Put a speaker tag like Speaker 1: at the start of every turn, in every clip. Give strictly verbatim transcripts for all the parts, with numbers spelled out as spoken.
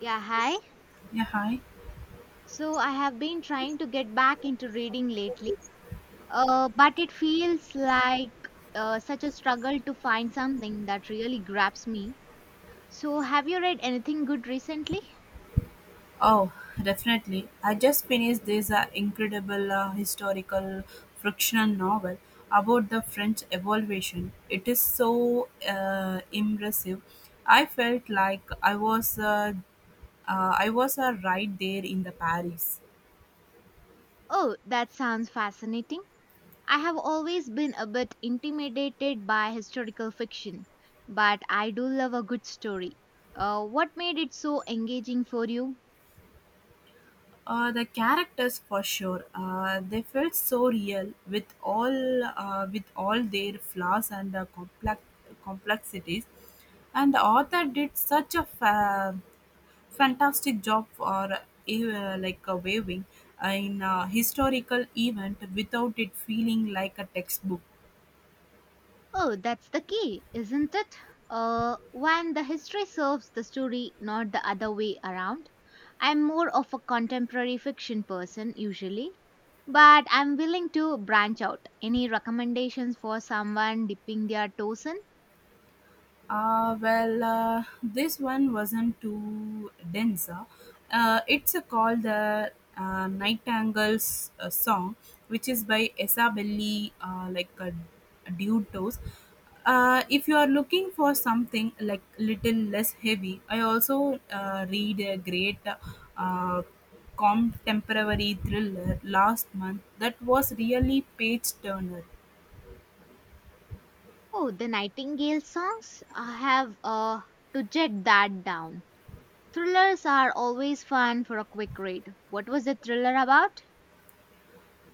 Speaker 1: Yeah, hi.
Speaker 2: Yeah, hi.
Speaker 1: So I have been trying to get back into reading lately, uh, but it feels like uh, such a struggle to find something that really grabs me. So, have you read anything good recently?
Speaker 2: Oh, definitely. I just finished this uh, incredible uh, historical fictional novel about the French evolution. It is so uh, impressive. I felt like I was uh, uh, I was uh, right there in the Paris.
Speaker 1: Oh, that sounds fascinating. I have always been a bit intimidated by historical fiction, but I do love a good story. Uh, what made it so engaging for you?
Speaker 2: Uh, the characters for sure. Uh, they felt so real with all uh, with all their flaws and uh, complex complexities. And the author did such a fa- fantastic job for uh, like a waving in a historical event without it feeling like a textbook.
Speaker 1: Oh, that's the key, isn't it? Uh, when the history serves the story, not the other way around. I'm more of a contemporary fiction person usually, but I'm willing to branch out. Any recommendations for someone dipping their toes in?
Speaker 2: Uh, well, uh, this one wasn't too dense. Uh, Uh, it's uh, called the uh, Nightingale's uh, Song, which is by Esa Belli, uh, like a, a dude toast. Uh, if you are looking for something like little less heavy, I also uh, read a great uh, contemporary thriller last month that was really page turner.
Speaker 1: Oh, the Nightingale songs? I have uh, to jet that down. Thrillers are always fun for a quick read. What was the thriller about?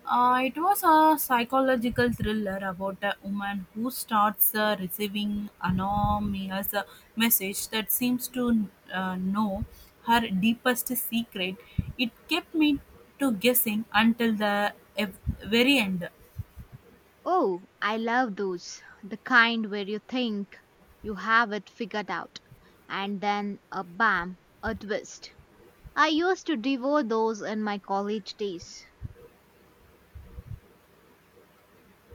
Speaker 2: Uh, it was a psychological thriller about a woman who starts uh, receiving anonymous uh, message that seems to uh, know her deepest secret. It kept me to guessing until the ev- very end.
Speaker 1: Oh, I love those. The kind where you think you have it figured out and then a bam, a twist. I used to devour those in my college days.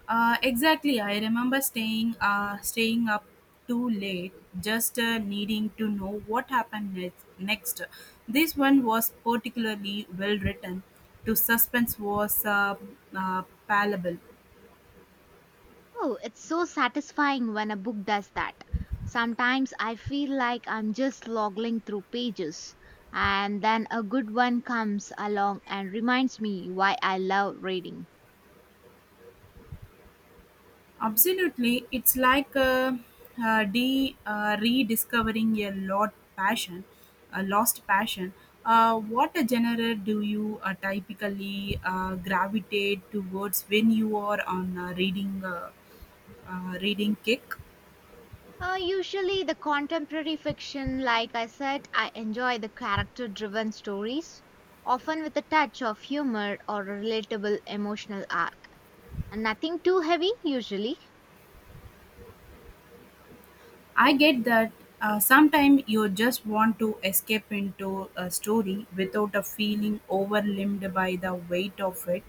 Speaker 2: Uh, exactly. I remember staying uh, staying up too late, just uh, needing to know what happened next. Next, this one was particularly well written. To suspense was uh, uh, palpable.
Speaker 1: Oh, it's so satisfying when a book does that. Sometimes I feel like I'm just lolling through pages, and then a good one comes along and reminds me why I love reading.
Speaker 2: Absolutely, it's like uh, uh, de uh, rediscovering a lot passion, a lost passion. Uh, what a genre do you uh, typically uh, gravitate towards when you are on uh, reading? Uh, uh, reading kick.
Speaker 1: Uh, usually, the contemporary fiction, like I said, I enjoy the character driven stories, often with a touch of humor or a relatable emotional arc. And nothing too heavy, usually.
Speaker 2: I get that uh, sometimes you just want to escape into a story without a feeling overwhelmed by the weight of it,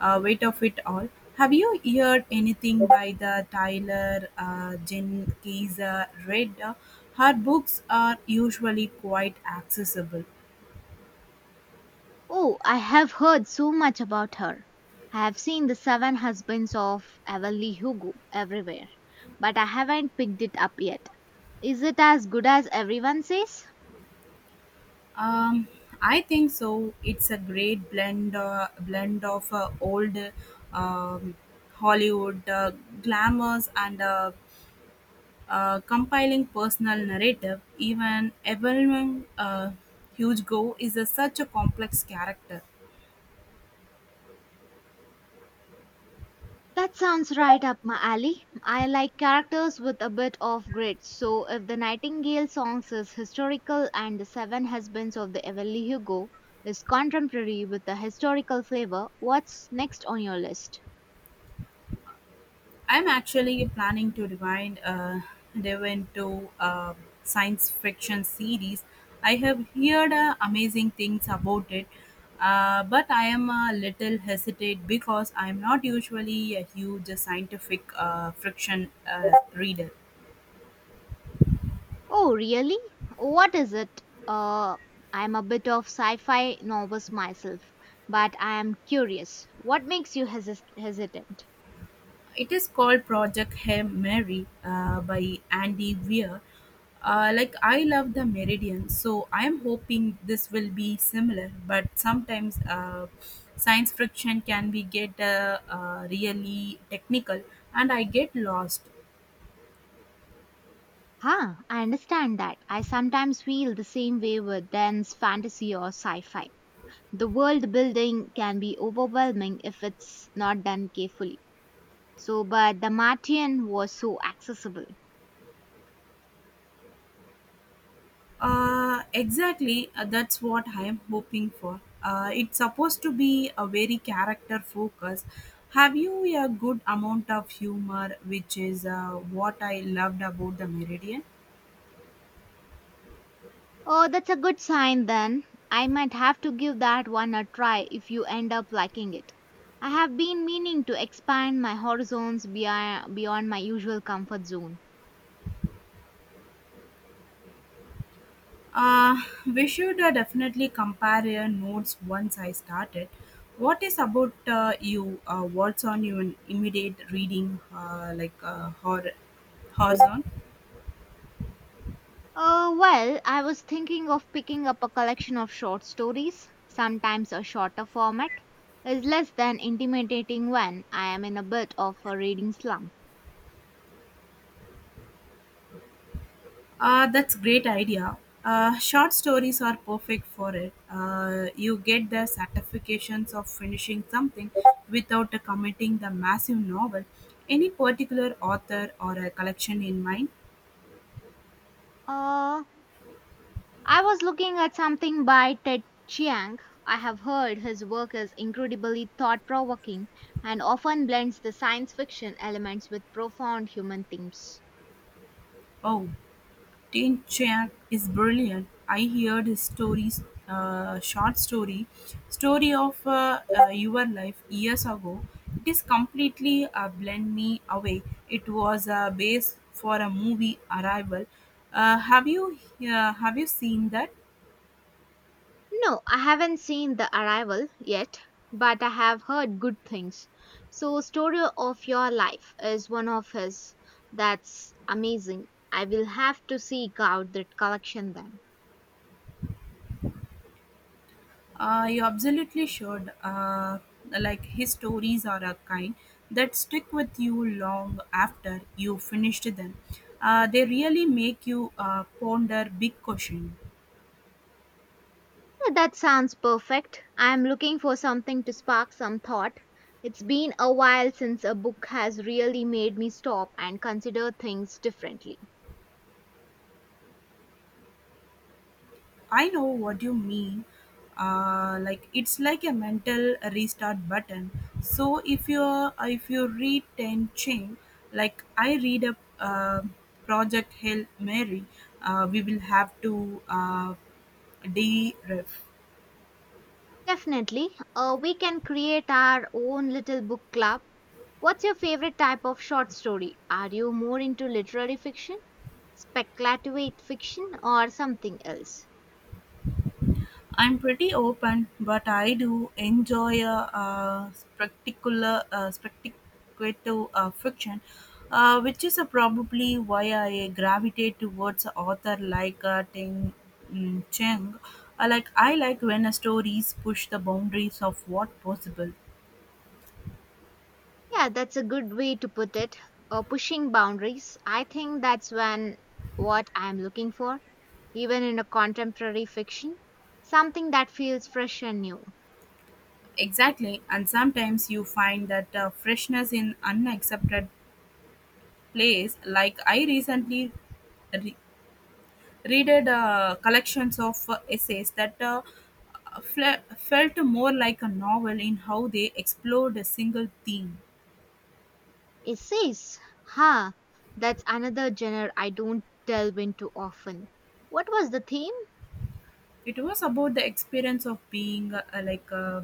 Speaker 2: uh, weight of it all. Have you heard anything by the Tyler uh, Jenkins uh, read? Uh, Her books are usually quite accessible.
Speaker 1: Oh, I have heard so much about her. I have seen the seven husbands of Evelyn Hugo everywhere, but I haven't picked it up yet. Is it as good as everyone says?
Speaker 2: Um, I think so. It's a great blend uh, blend of uh, old um, Hollywood uh, glamours and uh, uh, compiling personal narrative. Even Evelyn uh, Hugo is a, such a complex character.
Speaker 1: That sounds right up my alley. I like characters with a bit of grit, so if the Nightingale songs is historical and the Seven Husbands of the Evelyn Hugo is contemporary with a historical flavor, what's next on your list?
Speaker 2: I'm actually planning to rewind uh, Devon to a science fiction series. I have heard uh, amazing things about it, uh, but I am a little hesitant because I'm not usually a huge scientific uh, fiction uh, reader.
Speaker 1: Oh, really? What is it? Uh, I'm a bit of sci-fi novice myself, but I am curious. What makes you hesis hesitant?
Speaker 2: It is called Project Hail Mary uh, by Andy Weir. Uh, like I love the Meridian, so I am hoping this will be similar. But sometimes uh, science fiction can be get uh, uh, really technical, and I get lost.
Speaker 1: Huh, I understand that. I sometimes feel the same way with dense fantasy or sci-fi. The world building can be overwhelming if it's not done carefully. So, but the Martian was so accessible.
Speaker 2: Uh, exactly, uh, that's what I am hoping for. Uh, it's supposed to be a very character focus. Have you a good amount of humor, which is uh, what I loved about the Meridian?
Speaker 1: Oh, that's a good sign then. I might have to give that one a try if you end up liking it. I have been meaning to expand my horizons beyond, beyond my usual comfort zone.
Speaker 2: Uh, we should uh, definitely compare uh, notes once I started. What is about uh, you? Uh, what's on your immediate reading, uh, like uh, hor- horizon?
Speaker 1: Uh, well, I was thinking of picking up a collection of short stories. Sometimes a shorter format is less than intimidating when I am in a bit of a reading slump.
Speaker 2: Uh, that's great idea. Uh, short stories are perfect for it. Uh, you get the satisfactions of finishing something without uh, committing the massive novel. Any particular author or a collection in mind?
Speaker 1: Uh, I was looking at something by Ted Chiang. I have heard his work is incredibly thought provoking and often blends the science fiction elements with profound human themes.
Speaker 2: Oh. Tain Chiang is brilliant. I heard his stories, uh, short story, story of uh, uh, your life years ago. It is completely uh, blend me away. It was a base for a movie arrival. Uh, have you uh, have you seen that?
Speaker 1: No, I haven't seen The Arrival yet, but I have heard good things. So, Story of Your Life is one of his. That's amazing. I will have to seek out that collection then.
Speaker 2: Uh, you absolutely should. Uh, like his stories are a kind that stick with you long after you finished them. Uh, they really make you uh, ponder big questions.
Speaker 1: Oh, that sounds perfect. I'm looking for something to spark some thought. It's been a while since a book has really made me stop and consider things differently.
Speaker 2: I know what you mean. Uh, like it's like a mental restart button. So if you uh, if you read ten chain, like I read a uh, Project Hail Mary, uh, we will have to uh, deref.
Speaker 1: Definitely, uh, we can create our own little book club. What's your favorite type of short story? Are you more into literary fiction, speculative fiction, or something else?
Speaker 2: I'm pretty open, but I do enjoy a uh spectacular, uh, spectacular uh, fiction, uh, which is uh, probably why I gravitate towards a author like uh, Ting mm, Cheng. I like I like when a stories push the boundaries of what possible.
Speaker 1: Yeah, that's a good way to put it. Uh, pushing boundaries. I think that's when what I'm looking for, even in a contemporary fiction, something that feels fresh and new.
Speaker 2: Exactly, and sometimes you find that uh, freshness in unaccepted place. Like I recently re- readed uh, collections of uh, essays that uh, fle- felt more like a novel in how they explored a single theme.
Speaker 1: Essays, huh? That's another genre I don't delve into often. What was the theme?
Speaker 2: It was about the experience of being uh, like uh,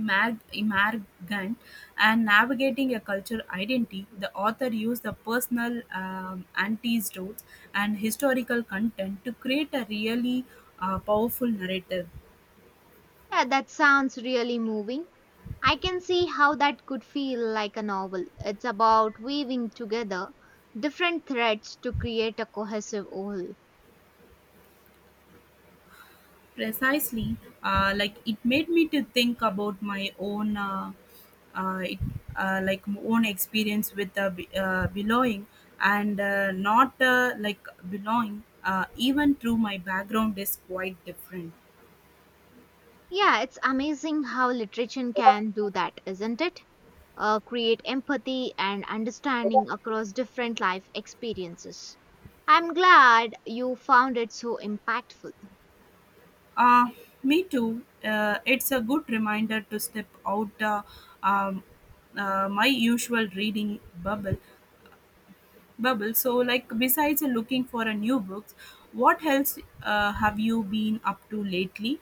Speaker 2: imag- immigrant and navigating a cultural identity. The author used the personal um, antidotes and historical content to create a really uh, powerful narrative.
Speaker 1: Yeah, that sounds really moving. I can see how that could feel like a novel. It's about weaving together different threads to create a cohesive whole.
Speaker 2: Precisely, uh, like it made me to think about my own uh, uh, it, uh, like my own experience with uh, be- uh, belonging and uh, not uh, like belonging uh, even through my background is quite different.
Speaker 1: Yeah, it's amazing how literature can do that, isn't it? Uh, create empathy and understanding across different life experiences. I'm glad you found it so impactful.
Speaker 2: Uh, me too uh, It's a good reminder to step out uh, um, uh, my usual reading bubble bubble So, like, besides looking for a new books, what else uh, have you been up to lately?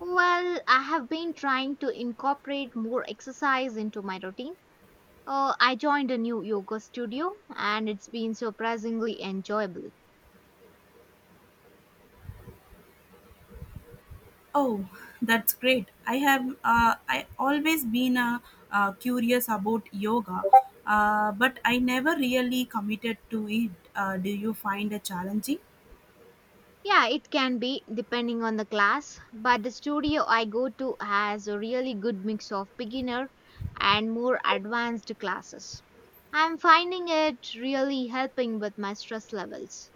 Speaker 1: Well, I have been trying to incorporate more exercise into my routine. Uh, I joined a new yoga studio and it's been surprisingly enjoyable.
Speaker 2: Oh, that's great. I have uh, I always been uh, uh, curious about yoga, uh, but I never really committed to it. Uh, do you find it challenging?
Speaker 1: Yeah, it can be depending on the class, but the studio I go to has a really good mix of beginner and more advanced classes. I'm finding it really helping with my stress levels.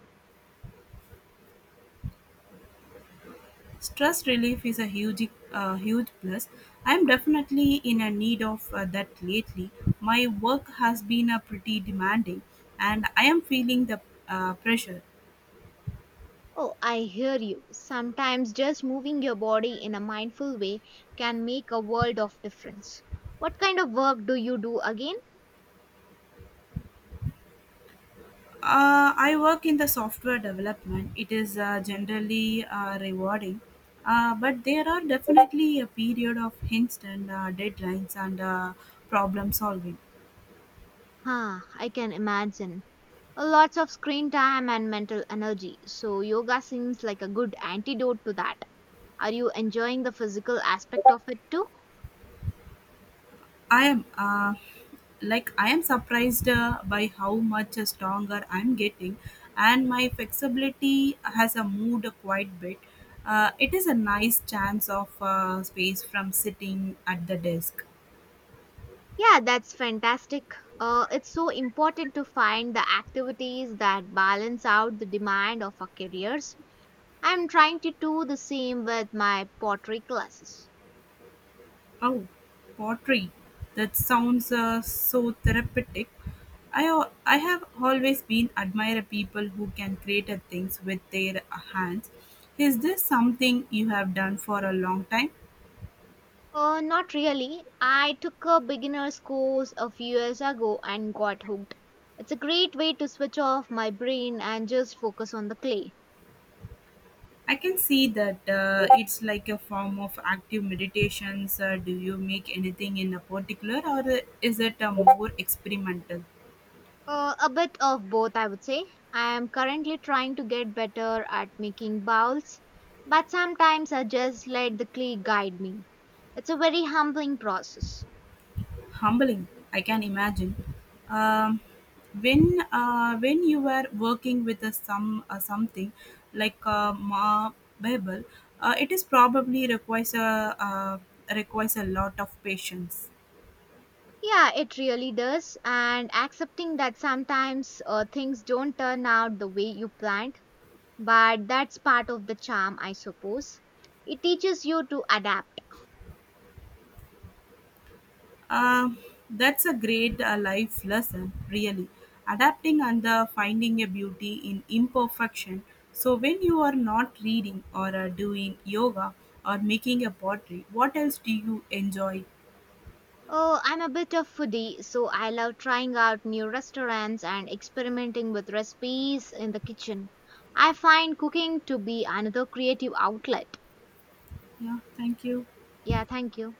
Speaker 2: Stress relief is a huge uh, huge plus. I'm definitely in a need of uh, that lately. My work has been uh, pretty demanding, and I am feeling the uh, pressure.
Speaker 1: Oh, I hear you. Sometimes just moving your body in a mindful way can make a world of difference. What kind of work do you do again?
Speaker 2: Uh, I work in the software development. It is uh, generally uh, rewarding, uh, but there are definitely a period of instant uh, deadlines and uh, problem solving.
Speaker 1: Huh, I can imagine. Uh, Lots of screen time and mental energy, so yoga seems like a good antidote to that. Are you enjoying the physical aspect of it too?
Speaker 2: I am uh, Like I am surprised uh, by how much stronger I'm getting, and my flexibility has uh, moved quite bit. Uh, it is a nice chance of uh, space from sitting at the desk.
Speaker 1: Yeah, that's fantastic. Uh, it's so important to find the activities that balance out the demand of our careers. I'm trying to do the same with my pottery classes.
Speaker 2: Oh, pottery. That sounds uh, so therapeutic. I, al- I have always been admire people who can create uh, things with their hands. Is this something you have done for a long time?
Speaker 1: Uh, not really. I took a beginner's course a few years ago and got hooked. It's a great way to switch off my brain and just focus on the clay.
Speaker 2: I can see that uh, it's like a form of active meditations. Uh, do you make anything in a particular or uh, is it a more experimental?
Speaker 1: Uh, a bit of both, I would say. I am currently trying to get better at making bowls, but sometimes I just let the clay guide me. It's a very humbling process.
Speaker 2: Humbling, I can imagine. Um, when uh, when you were working with a some uh, something like a Ma Bible, uh, it is probably requires a uh, requires a lot of patience.
Speaker 1: Yeah, it really does. And accepting that sometimes uh, things don't turn out the way you planned, but that's part of the charm, I suppose. It teaches you to adapt.
Speaker 2: Um, that's a great uh, life lesson, really. Adapting and uh, finding a beauty in imperfection. So, when you are not reading or uh, doing yoga or making a pottery, what else do you enjoy?
Speaker 1: Oh, I'm a bit of foodie, so I love trying out new restaurants and experimenting with recipes in the kitchen. I find cooking to be another creative outlet.
Speaker 2: Yeah, thank you.
Speaker 1: Yeah, thank you.